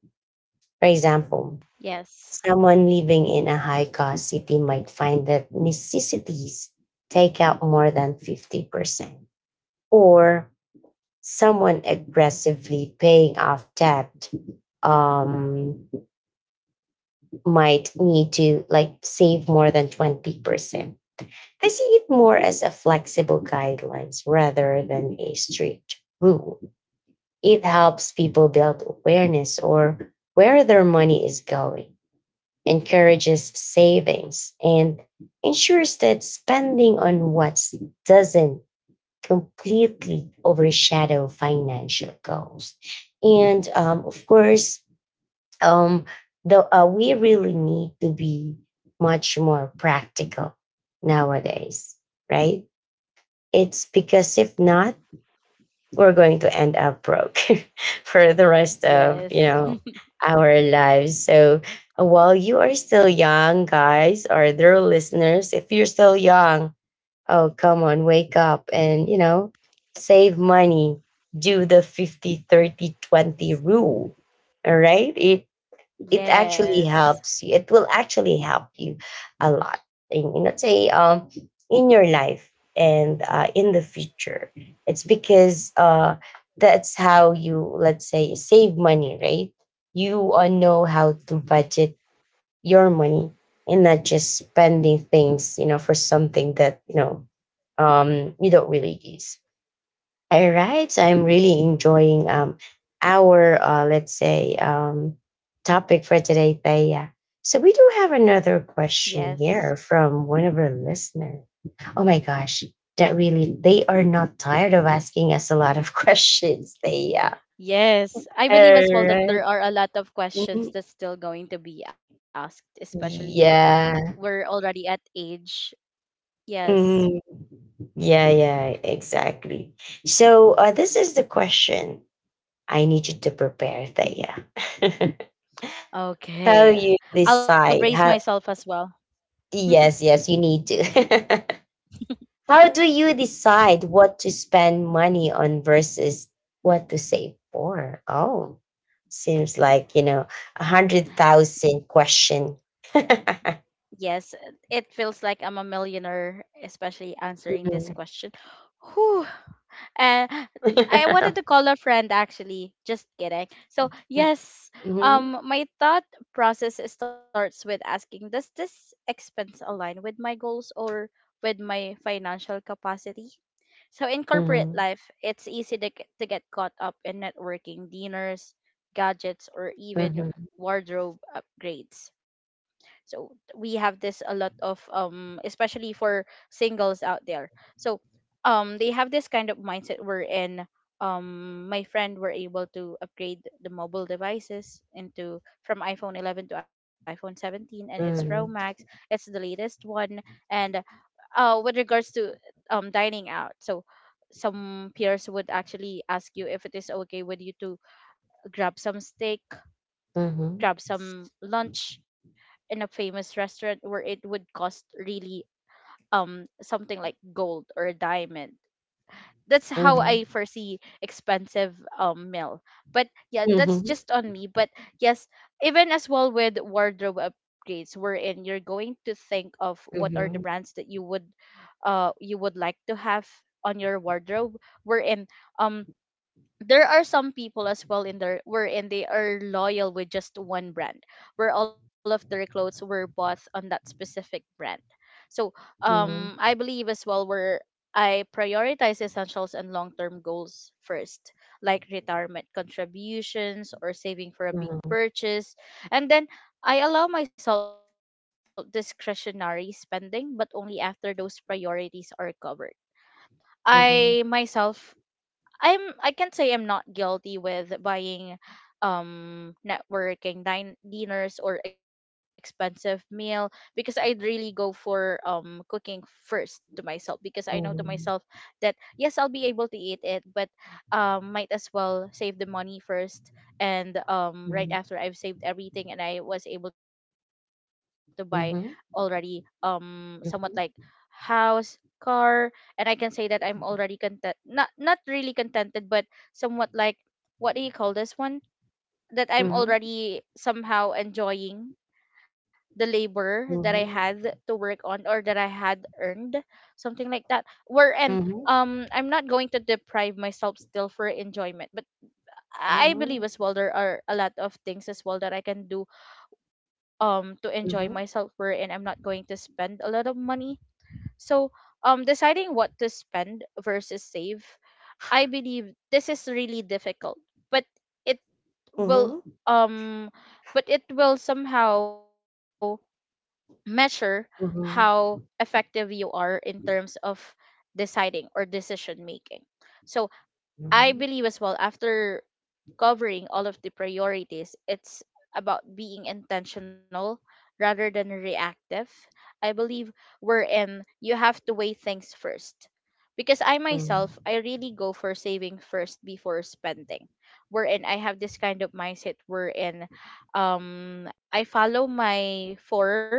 Speaker 1: For example,
Speaker 2: Yes.
Speaker 1: someone living in a high cost city might find that necessities take out more than 50%. Or someone aggressively paying off debt um, might need to like save more than 20%. I see it more as a flexible guidelines rather than a strict rule. It helps people build awareness or where their money is going, encourages savings, and ensures that spending on what doesn't completely overshadow financial goals. And of course, um, we really need to be much more practical nowadays, right? It's because if not, we're going to end up broke for the rest of,
Speaker 2: Yes.
Speaker 1: you know, our lives. So while you are still young guys, or their listeners, if you're still young, oh come on, wake up and, you know, save money. Do the 50 30 20 rule, all right? it
Speaker 2: Yes.
Speaker 1: it actually helps you. It will actually help you a lot in, let's say in your life and in the future. It's because that's how you, let's say, save money, right? You know how to budget your money and not just spending things, you know, for something that you know you don't really use. All right. So I'm really enjoying our let's say topic for today, Thea. So we do have another
Speaker 2: Yes.
Speaker 1: question here from one of our listeners. Oh my gosh, that really they are not tired of asking us a lot of questions, Thea.
Speaker 2: Yes. I believe as well
Speaker 1: All
Speaker 2: that there
Speaker 1: right.
Speaker 2: are a lot of questions
Speaker 1: Mhm.
Speaker 2: that's still going to be asked, especially we're
Speaker 1: Yeah.
Speaker 2: already at age. Yes.
Speaker 1: Mhm. Yeah, yeah, exactly. So this is the question. I need you to prepare, Thea. how
Speaker 2: Okay.
Speaker 1: you
Speaker 2: I'll brace
Speaker 1: decide
Speaker 2: myself
Speaker 1: how
Speaker 2: as well.
Speaker 1: Yes, yes, you need to. How do you decide what to spend money on versus what to save for? Oh, seems like, you know, 100,000 question. Mhm.
Speaker 2: Yes, it feels like I'm a millionaire, especially answering this question. Whew. And I wanted to call a friend, actually. Just kidding. So yes,
Speaker 1: Mhm,
Speaker 2: my thought process starts with asking, does this expense align with my goals or with my financial capacity? So in corporate
Speaker 1: mhm,
Speaker 2: life, it's easy to get caught up in networking dinners, gadgets, or even
Speaker 1: mhm,
Speaker 2: wardrobe upgrades. So we have this a lot of especially for singles out there. So they have this kind of mindset wherein my friend were able to upgrade the mobile devices into from iPhone 11 to iPhone 17, and it's Pro Max. It's the latest one, and with regards to dining out, so some peers would actually ask you if it is okay with you to grab some steak,
Speaker 1: mhm,
Speaker 2: grab
Speaker 1: mhm,
Speaker 2: some lunch in a famous restaurant where it would cost really something like gold or a diamond, that's how
Speaker 1: mhm, mhm,
Speaker 2: I foresee expensive meal. But yeah, that's just on me. But yes, even as well with wardrobe upgrades, wherein you're going to think of what are the
Speaker 1: mhm,
Speaker 2: brands that you would like to have on your wardrobe. Wherein um there are some people as well in there wherein they are loyal with just one brand where all of their clothes were bought on that specific brand. So
Speaker 1: mhm,
Speaker 2: I believe as well where I prioritize essentials and long-term goals first, like retirement contributions or saving for a
Speaker 1: mhm,
Speaker 2: big
Speaker 1: mhm,
Speaker 2: purchase, and then I allow myself discretionary spending but only after those priorities are covered.
Speaker 1: mhm,
Speaker 2: I myself, I can't say I'm not guilty with buying networking dinners or expensive meal, because I'd really go for cooking first to myself, because I know to myself that yes, I'll be able to eat it, but might as well save the money first. And right after I've saved everything and I was able to buy already,
Speaker 1: mhm, mhm, mhm,
Speaker 2: somewhat like
Speaker 1: mhm,
Speaker 2: house, car, and I can say that I'm already content, not really contented but somewhat like, what do you call this one, that I'm already somehow enjoying the labor that I had
Speaker 1: mhm,
Speaker 2: to work on or that I had earned, something like that. Wherein
Speaker 1: mhm,
Speaker 2: I'm not going to deprive myself still for enjoyment, but I believe
Speaker 1: mhm,
Speaker 2: as well there are a lot of things as well that I can do to enjoy myself,
Speaker 1: mhm,
Speaker 2: wherein I'm not going to spend a lot of money. So, deciding what to spend versus save, I believe this is really difficult, but it will
Speaker 1: mhm.
Speaker 2: um, but it will somehow measure how
Speaker 1: Mhm,
Speaker 2: effective you are in terms of deciding or decision making. So I
Speaker 1: mhm,
Speaker 2: believe as well, after covering all of the priorities, it's about being intentional rather than reactive. I believe, wherein you have to weigh things first. Because I myself,
Speaker 1: mhm,
Speaker 2: I really go for saving first before spending. Wherein I have this kind of mindset wherein I follow my four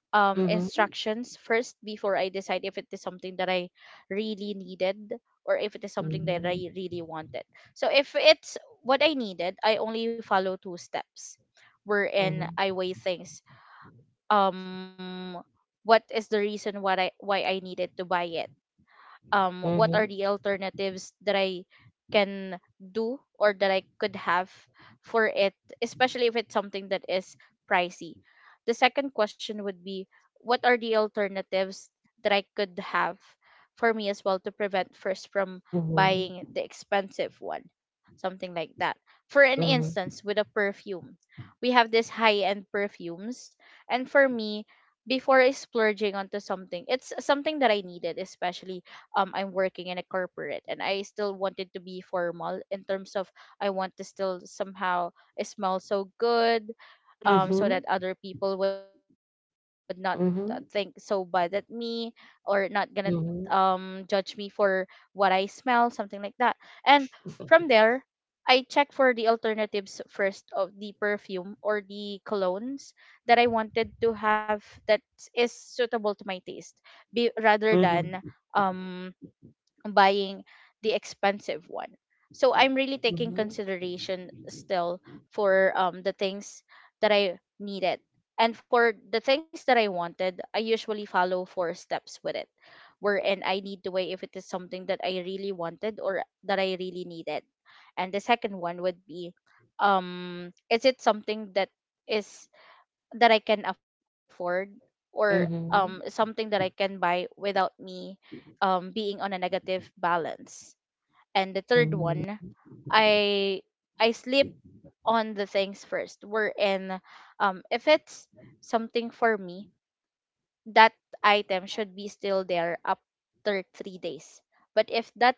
Speaker 1: mhm,
Speaker 2: instructions first before I decide if it is something that I really needed or if it is something that
Speaker 1: mhm,
Speaker 2: I really wanted. So if it's what I needed, I only follow two steps
Speaker 1: mhm,
Speaker 2: wherein
Speaker 1: mhm,
Speaker 2: I weigh things. Um what is the reason why I needed to buy it? What are the alternatives that I can do or that I could have for it, especially if it's something that is pricey? The second question would be, what are the alternatives that I could have for me as well to prevent first from
Speaker 1: mhm,
Speaker 2: buying
Speaker 1: mhm,
Speaker 2: the expensive one, something like that. For an
Speaker 1: mhm,
Speaker 2: instance, with a perfume, we have these high end perfumes, and for me, before I splurging onto something, it's something that I needed, especially I'm working in a corporate and I still wanted to be formal in terms of, I want to still somehow smell so good
Speaker 1: mhm,
Speaker 2: so
Speaker 1: mhm,
Speaker 2: that other people would not think so bad at
Speaker 1: mhm,
Speaker 2: me, or not gonna judge me for what I smell, something like that. And from there, I check for the alternatives first of the perfume or the colognes that I wanted to have that is suitable to my taste, be rather than
Speaker 1: mhm,
Speaker 2: um buying the expensive one. So I'm really taking consideration still for the things that I needed. And for the things that I wanted, I usually follow four steps with it, wherein I need to weigh if it is something that I really wanted or that I really needed. And the second one would be, is it something that is, that I can afford, or
Speaker 1: mhm,
Speaker 2: something that I can buy without me being on a negative balance. And the third
Speaker 1: mhm,
Speaker 2: one, I I sleep on the things first. We're in if it's something for me, that item should be still there after 3 days. But if that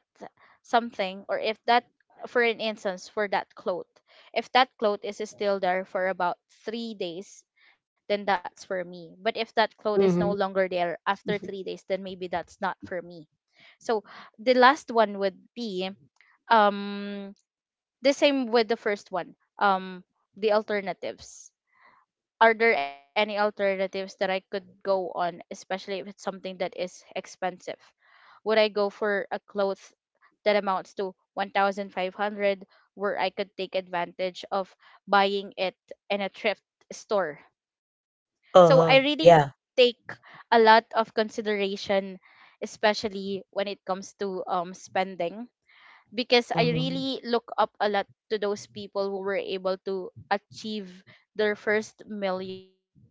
Speaker 2: something, or if that, for an instance, for that cloth, if that cloth is still there for about 3 days, then that's for me. But if that cloth is no
Speaker 1: mhm.
Speaker 2: longer there after 3 days, then maybe that's not for me. So the last one would be um the same with the first one. The alternatives, are there any alternatives that I could go on, especially if it's something that is expensive? Would I go for a cloth that amounts to 1,500, where I could take advantage of buying it in a thrift store? So I really
Speaker 1: Uh-huh. Yeah.
Speaker 2: take a lot of consideration, especially when it comes to spending, because I
Speaker 1: Mhm,
Speaker 2: really look up a lot to those people who were able to achieve their first millionaire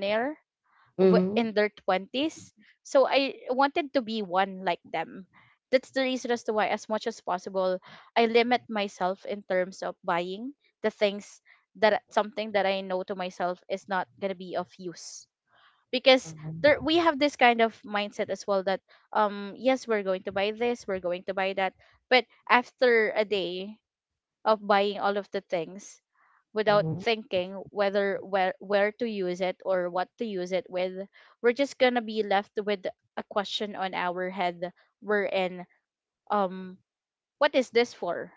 Speaker 2: in their
Speaker 1: mhm,
Speaker 2: 20s. So I wanted to be one like them. That's the reason as to why, as much as possible, I limit myself in terms of buying the things that, something that I know to myself is not gonna be of use. Because
Speaker 1: mhm,
Speaker 2: there we have this kind of mindset as well, that yes, we're going to buy this, we're going to buy that, but after a day of buying all of the things without
Speaker 1: mhm,
Speaker 2: thinking whether where to use it or what to use it with, we're just gonna be left with a question on our head, we're in um what is this for.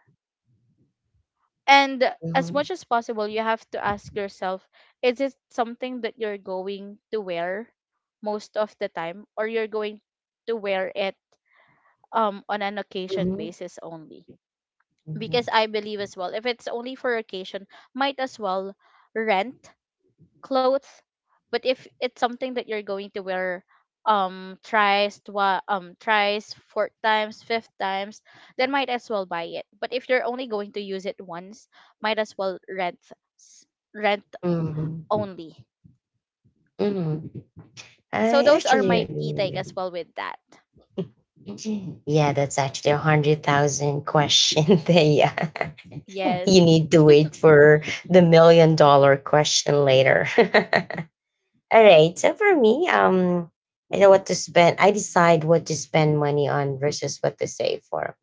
Speaker 2: And as
Speaker 1: mhm,
Speaker 2: much as possible, you have to ask yourself, is it something that you're going to wear most of the time, or you're going to wear it on an occasion
Speaker 1: mhm,
Speaker 2: basis only? Because I believe as well, if it's only for occasion, might as well rent clothes. But if it's something that you're going to wear twice, thrice, four times, fifth times, then might as well buy it. But if you're only going to use it once, might as well rent s- rent
Speaker 1: mhm,
Speaker 2: only.
Speaker 1: mhm, mhm.
Speaker 2: So
Speaker 1: I
Speaker 2: those are
Speaker 1: actually
Speaker 2: my
Speaker 1: agree
Speaker 2: key take
Speaker 1: with
Speaker 2: as well with that.
Speaker 1: you. Yeah, that's actually 100,000 question. there. Yeah. You
Speaker 2: Yes.
Speaker 1: need to wait for the million dollar question later. All right. So for me, I know what to spend. I decide what to spend money on versus what to save for.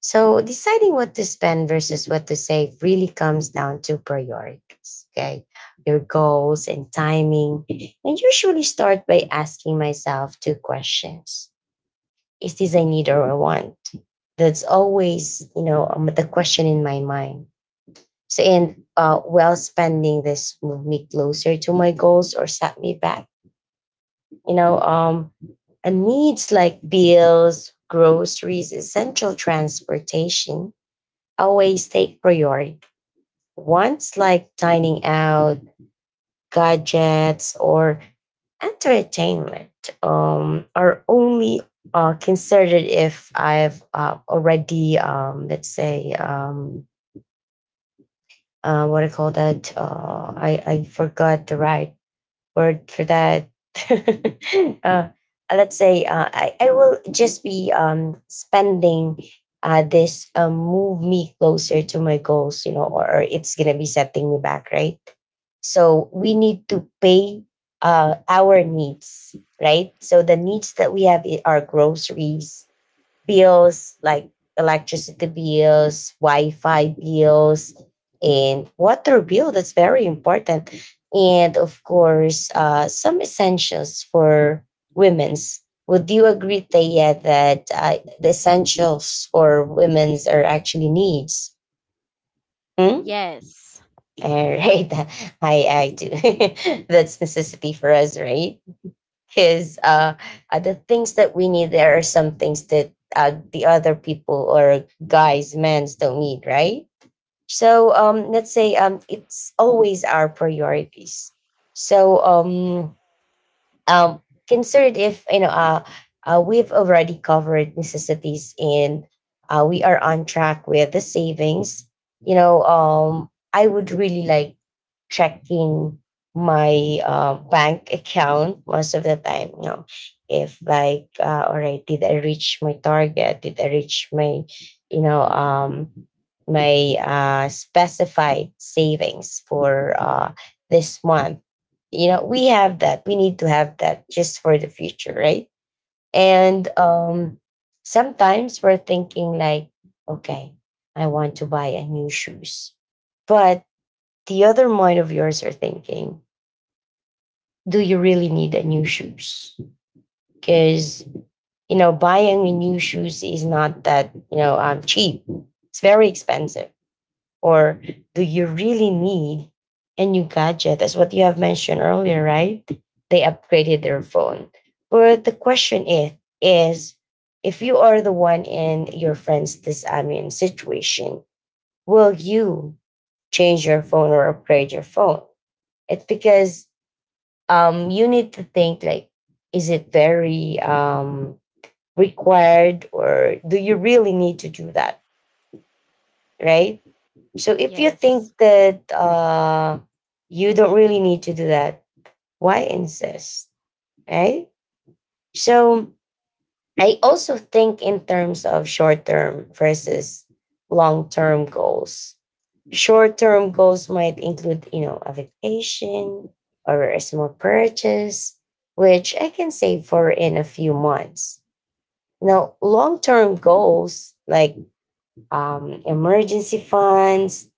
Speaker 1: So deciding what to spend versus what to save really comes down to priorities. Okay. Your goals and timing. I usually start by asking myself two questions. Is this a need or a want? That's always, you know, the question in my mind. So, and well, spending this moved me closer to my goals or set me back. You know, and needs like bills, groceries, essential transportation always take priority. Wants like dining out, gadgets, or entertainment are only considered if I've already, let's say, what I call that. I forgot the right word for that. uh, let's say I will just be spending this move me closer to my goals, you know, or it's going to be setting me back, right? So we need to pay our needs, right? So the needs that we have are groceries, bills like electricity bills, Wi-Fi bills, and water bill. That's very important, and of course, some essentials for women's. Would you agree, Taya, that the essentials for women's are actually needs? Hmm?
Speaker 2: Yes.
Speaker 1: All right, I do. That's necessity for us, right? because the things that we need, there are some things that the other people or guys men's don't need, right? So let's say it's always our priorities. So um, considered if you know we've already covered necessities and we are on track with the savings, you know I would really like checking my bank account most of the time. You know, if like, all right, did I reach my target? Did I reach my, you know, um, my specified savings for this month? You know, we have that. We need to have that just for the future, right? And sometimes we're thinking like, okay, I want to buy a new shoes, but the other mind of yours are thinking, do you really need a new shoes? Because you know, buying a new shoes is not that cheap. It's very expensive. Or do you really need a new gadget? That's what you have mentioned earlier, right? They upgraded their phone. But the question is if you are the one in your friend's this situation, will you change your phone or upgrade your phone? It's because you need to think like is it very required or do you really need to do that, right? So if you
Speaker 2: Yes.
Speaker 1: think that you don't really need to do that, why insist, right? So I also think in terms of short term versus long term goals. Short term goals might include, you know, a vacation or a small purchase, which I can save for in a few months. Now, long term goals like emergency funds,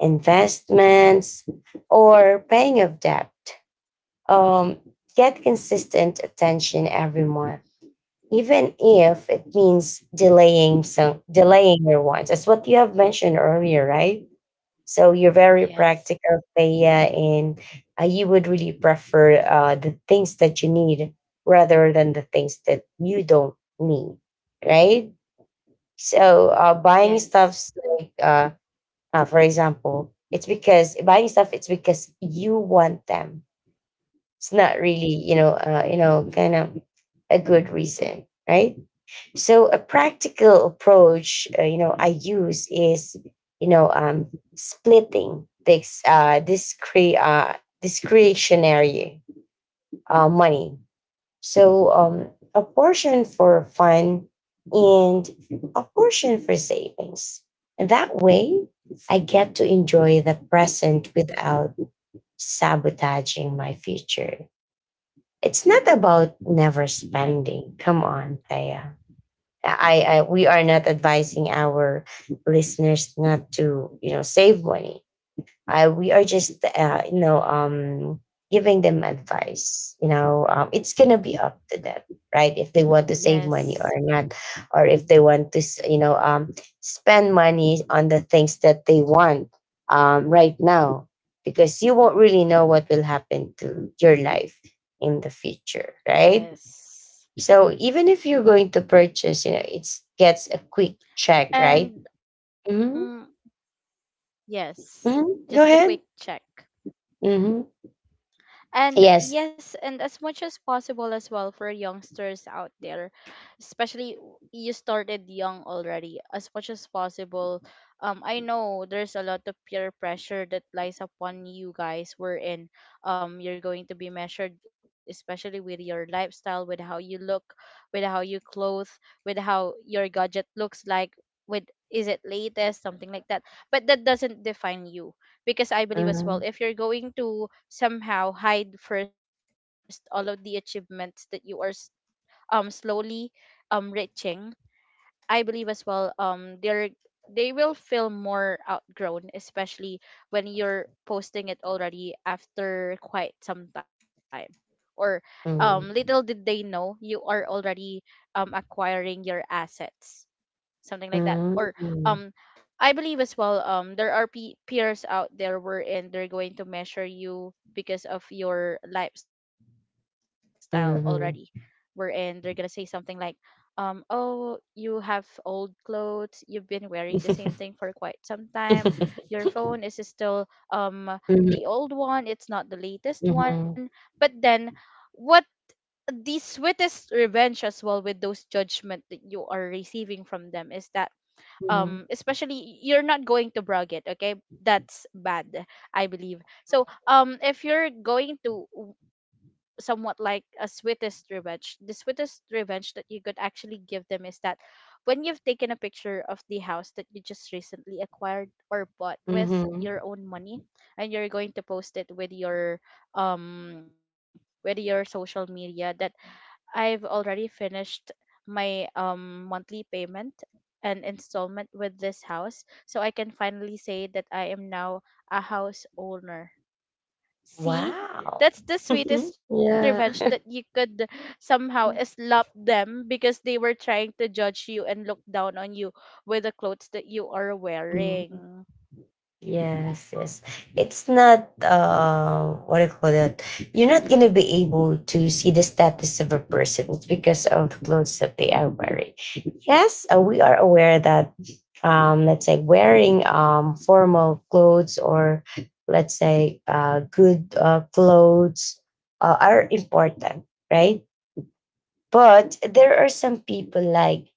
Speaker 1: investments, or paying off debt um, get consistent attention every month, even if it means delaying your wants. That's what you have mentioned earlier, right? So you're very
Speaker 2: Yes.
Speaker 1: practical, Thea, and you would really prefer the things that you need rather than the things that you don't need, right? So buying
Speaker 2: Yes.
Speaker 1: stuffs like, for example, it's because buying stuff, it's because you want them. It's not really, kind of a good reason, right? So a practical approach, you know, I use is, you know, um, splitting this discretionary money. So a portion for fun and a portion for savings. And that way, I get to enjoy the present without sabotaging my future. It's not about never spending. Come on, Thea. I we are not advising our listeners not to you know save money. I we are just you know, giving them advice. It's gonna be up to them, right? If they want to save money
Speaker 2: Yes.
Speaker 1: or not, or if they want to you know, spend money on the things that they want right now, because you won't really know what will happen to your life in the future, right?
Speaker 2: Yes.
Speaker 1: So even if you're going to purchase, you know, it's gets a quick check, right?
Speaker 2: And
Speaker 1: Mm-hmm.
Speaker 2: um yes,
Speaker 1: Mm-hmm. Go
Speaker 2: just a quick
Speaker 1: ahead.
Speaker 2: check.
Speaker 1: Mm-hmm.
Speaker 2: And
Speaker 1: Yes.
Speaker 2: yes, and as much as possible as well for youngsters out there, especially you started young already, as much as possible. I know there's a lot of peer pressure that lies upon you guys, wherein you're going to be measured, especially with your lifestyle, with how you look, with how you clothe, with how your gadget looks like, with, is it latest, something like that. But that doesn't define you, because I believe as
Speaker 1: Mm-hmm.
Speaker 2: well, if you're going to somehow hide first all of the achievements that you are slowly reaching, I believe as well um they will feel more outgrown, especially when you're posting it already after quite some time. Or little did they know, you are already acquiring your assets, something like that. Or
Speaker 1: Mm-hmm.
Speaker 2: um I believe as well, there are peers out there, wherein they're going to measure you because of your lifestyle already, wherein
Speaker 1: Mm-hmm.
Speaker 2: they're gonna say something like, oh, you have old clothes, you've been wearing the same thing for quite some time, your phone is still um
Speaker 1: Hmm.
Speaker 2: the old one, it's not the latest
Speaker 1: Hmm.
Speaker 2: one. But then, what, the sweetest revenge as well with those judgment that you are receiving from them is that, especially you're not going to brag it, okay, that's bad. I believe so, if you're going to somewhat like a sweetest revenge, the sweetest revenge that you could actually give them, is that when you've taken a picture of the house that you just recently acquired or bought with your
Speaker 1: Mm-hmm.
Speaker 2: own money, and you're going to post it um with your social media, that I've already finished my monthly payment and installment with this house, so I can finally say that I am now a house owner. See?
Speaker 1: Wow.
Speaker 2: That's the sweetest revenge that you
Speaker 1: Yeah.
Speaker 2: could somehow slap them, because they were trying to judge you and look down on you with the clothes that you are wearing
Speaker 1: Yes, yes. It's not what do you call that? You're not gonna be able to see the status of a person. It's because of the clothes that they are wearing. Yes, we are aware that let's say wearing formal clothes or let's say good clothes are important, right? But there are some people like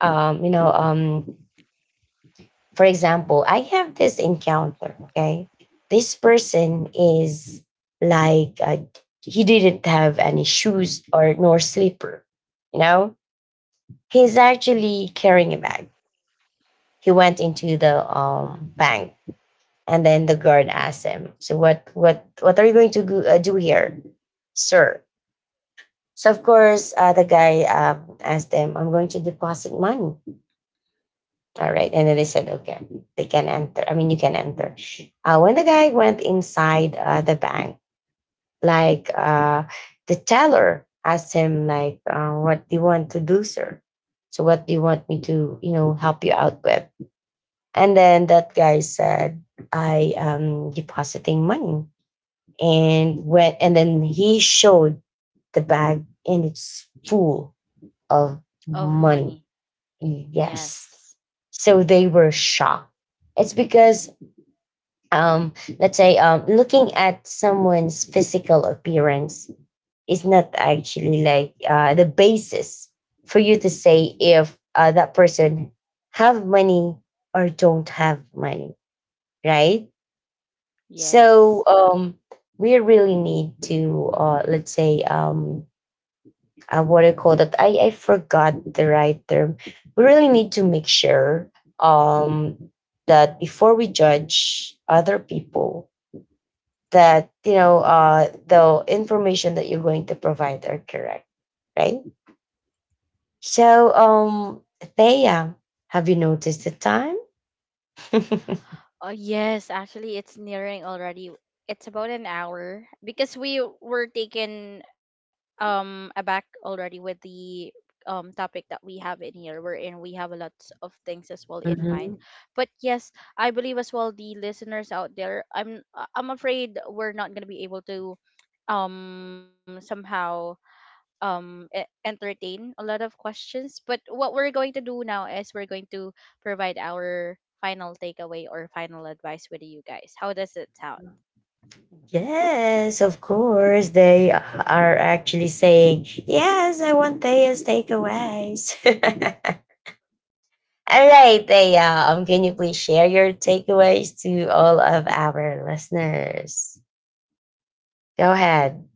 Speaker 1: you know, for example, I have this encounter. Okay, this person is like he didn't have any shoes or nor slipper. You know, he's actually carrying a bag. He went into the bank, and then the guard asked him, "So what are you going to go, do here, sir?" So of course, the guy asked them, "I'm going to deposit money." All right. And then they said, okay, they can enter. I mean, you can enter. When the guy went inside the bank, like the teller asked him, like, what do you want to do, sir? So what do you want me to, you know, help you out with? And then that guy said, I am depositing money. And then he showed the bag and it's full of
Speaker 2: of
Speaker 1: money.
Speaker 2: money.
Speaker 1: Yes.
Speaker 2: Yes.
Speaker 1: So they were shocked. It's because um let's say looking at someone's physical appearance is not actually like the basis for you to say if that person have money or don't have money, right? So
Speaker 2: Yes.
Speaker 1: we really need to let's say what I call that I forgot the right term. We really need to make sure um that before we judge other people that you know the information that you're going to provide are correct, right? So, Thea, have you noticed the time?
Speaker 2: Oh yes, actually it's nearing already. It's about an hour, because we were taken aback already with the topic that we have in here. We're in, we have a lot of things as well in mind.
Speaker 1: Mhm.
Speaker 2: But yes, I believe as well the listeners out there, I'm afraid we're not going to be able to somehow entertain a lot of questions, but what we're going to do now is we're going to provide our final takeaway or final advice with you guys. How does it sound?
Speaker 1: Yes, of course. They are actually saying, "Yes, I want Thea's takeaways." All right, Thea, can you please share your takeaways to all of our listeners? Go ahead.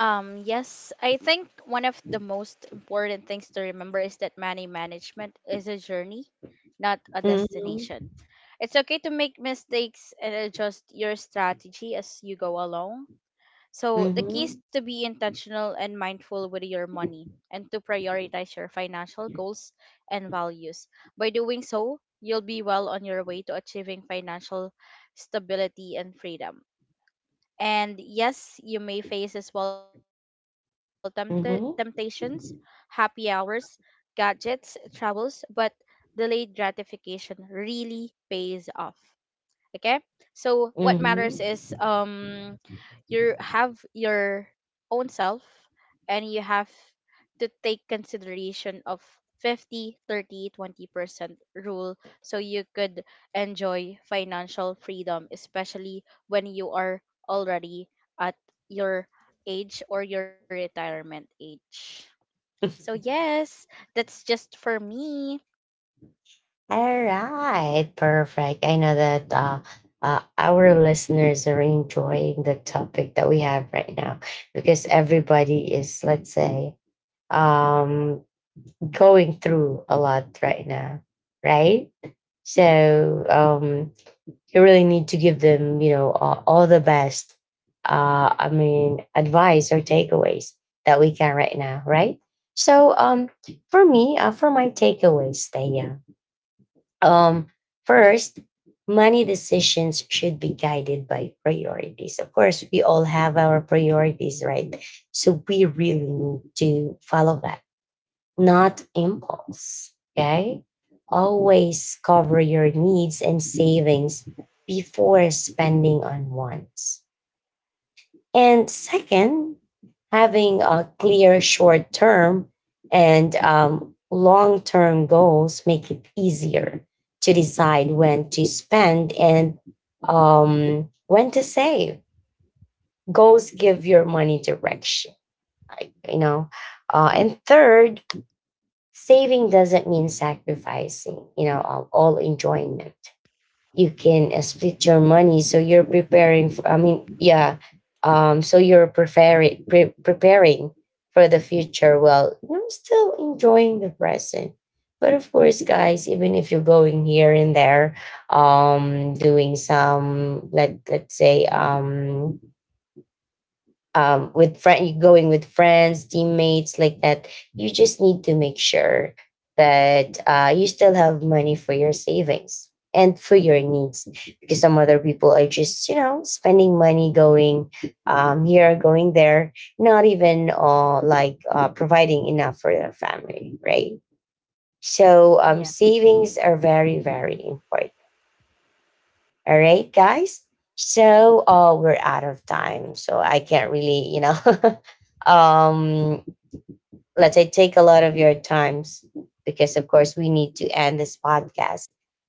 Speaker 2: Yes, I think one of the most important things to remember is that money management is a journey, not a
Speaker 1: Mm-hmm.
Speaker 2: destination. It's okay to make mistakes and adjust your strategy as you go along. So the key is
Speaker 1: Mm-hmm.
Speaker 2: to be intentional and mindful with your money, and to prioritize your financial goals and values. By doing so, you'll be well on your way to achieving financial stability and freedom. And yes, you may face as well temptations, happy hours, gadgets, travels, but delayed gratification really pays off. Okay? So what matters is,
Speaker 1: Mm-hmm.
Speaker 2: you have your own self, and you have to take consideration of 50, 30, 20% rule, so you could enjoy financial freedom, especially when you are already at your age or your retirement age. So yes, that's just for me.
Speaker 1: All right, perfect. I know that our listeners are enjoying the topic that we have right now because everybody is, let's say, um, going through a lot right now, right? So you really need to give them, you know, all the best. I mean, advice or takeaways that we can right now, right? So for me, for my takeaways, Taya, um first, money decisions should be guided by priorities. Of course, we all have our priorities, right? So we really need to follow that, not impulse. Okay, always cover your needs and savings before spending on wants. And second, having a clear short term and long term goals make it easier to decide when to spend and when to save. Goals give your money direction, like, you know. And third, saving doesn't mean sacrificing, you know, all enjoyment. You can split your money so you're preparing for I mean yeah so you're preparing for the future well you're still enjoying the present. But of course guys, even if you're going here and there, doing some let's say with friend, you going with friends, teammates like that, you just need to make sure that you still have money for your savings and for your needs. Because some other people are just, you know, spending money going here, going there, not even like providing enough for their family, right? So
Speaker 2: Yes.
Speaker 1: savings are very, very important. All right, guys. So we're out of time. So I can't really, you know, um, let's say take a lot of your times because, of course, we need to end this podcast.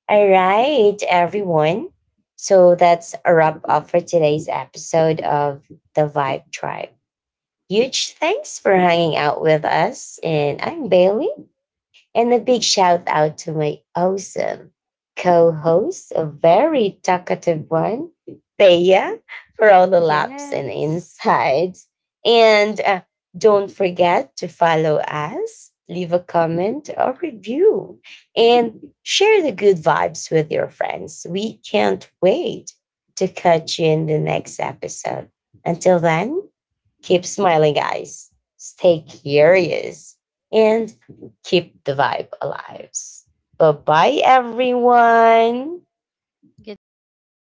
Speaker 1: All right, everyone. So that's a wrap up for today's episode of The Vibe Tribe. Huge thanks for hanging out with us. And I'm Bailey. And a big shout out to my awesome co host, a very talkative one, Thea, for all the laughs and
Speaker 2: Yes.
Speaker 1: insights. And don't forget to follow us, leave a comment or review, and share the good vibes with your friends. We can't wait to catch you in the next episode. Until then, keep smiling, guys. Stay curious and keep the vibe alive. Bye bye, everyone.
Speaker 2: Goodbye.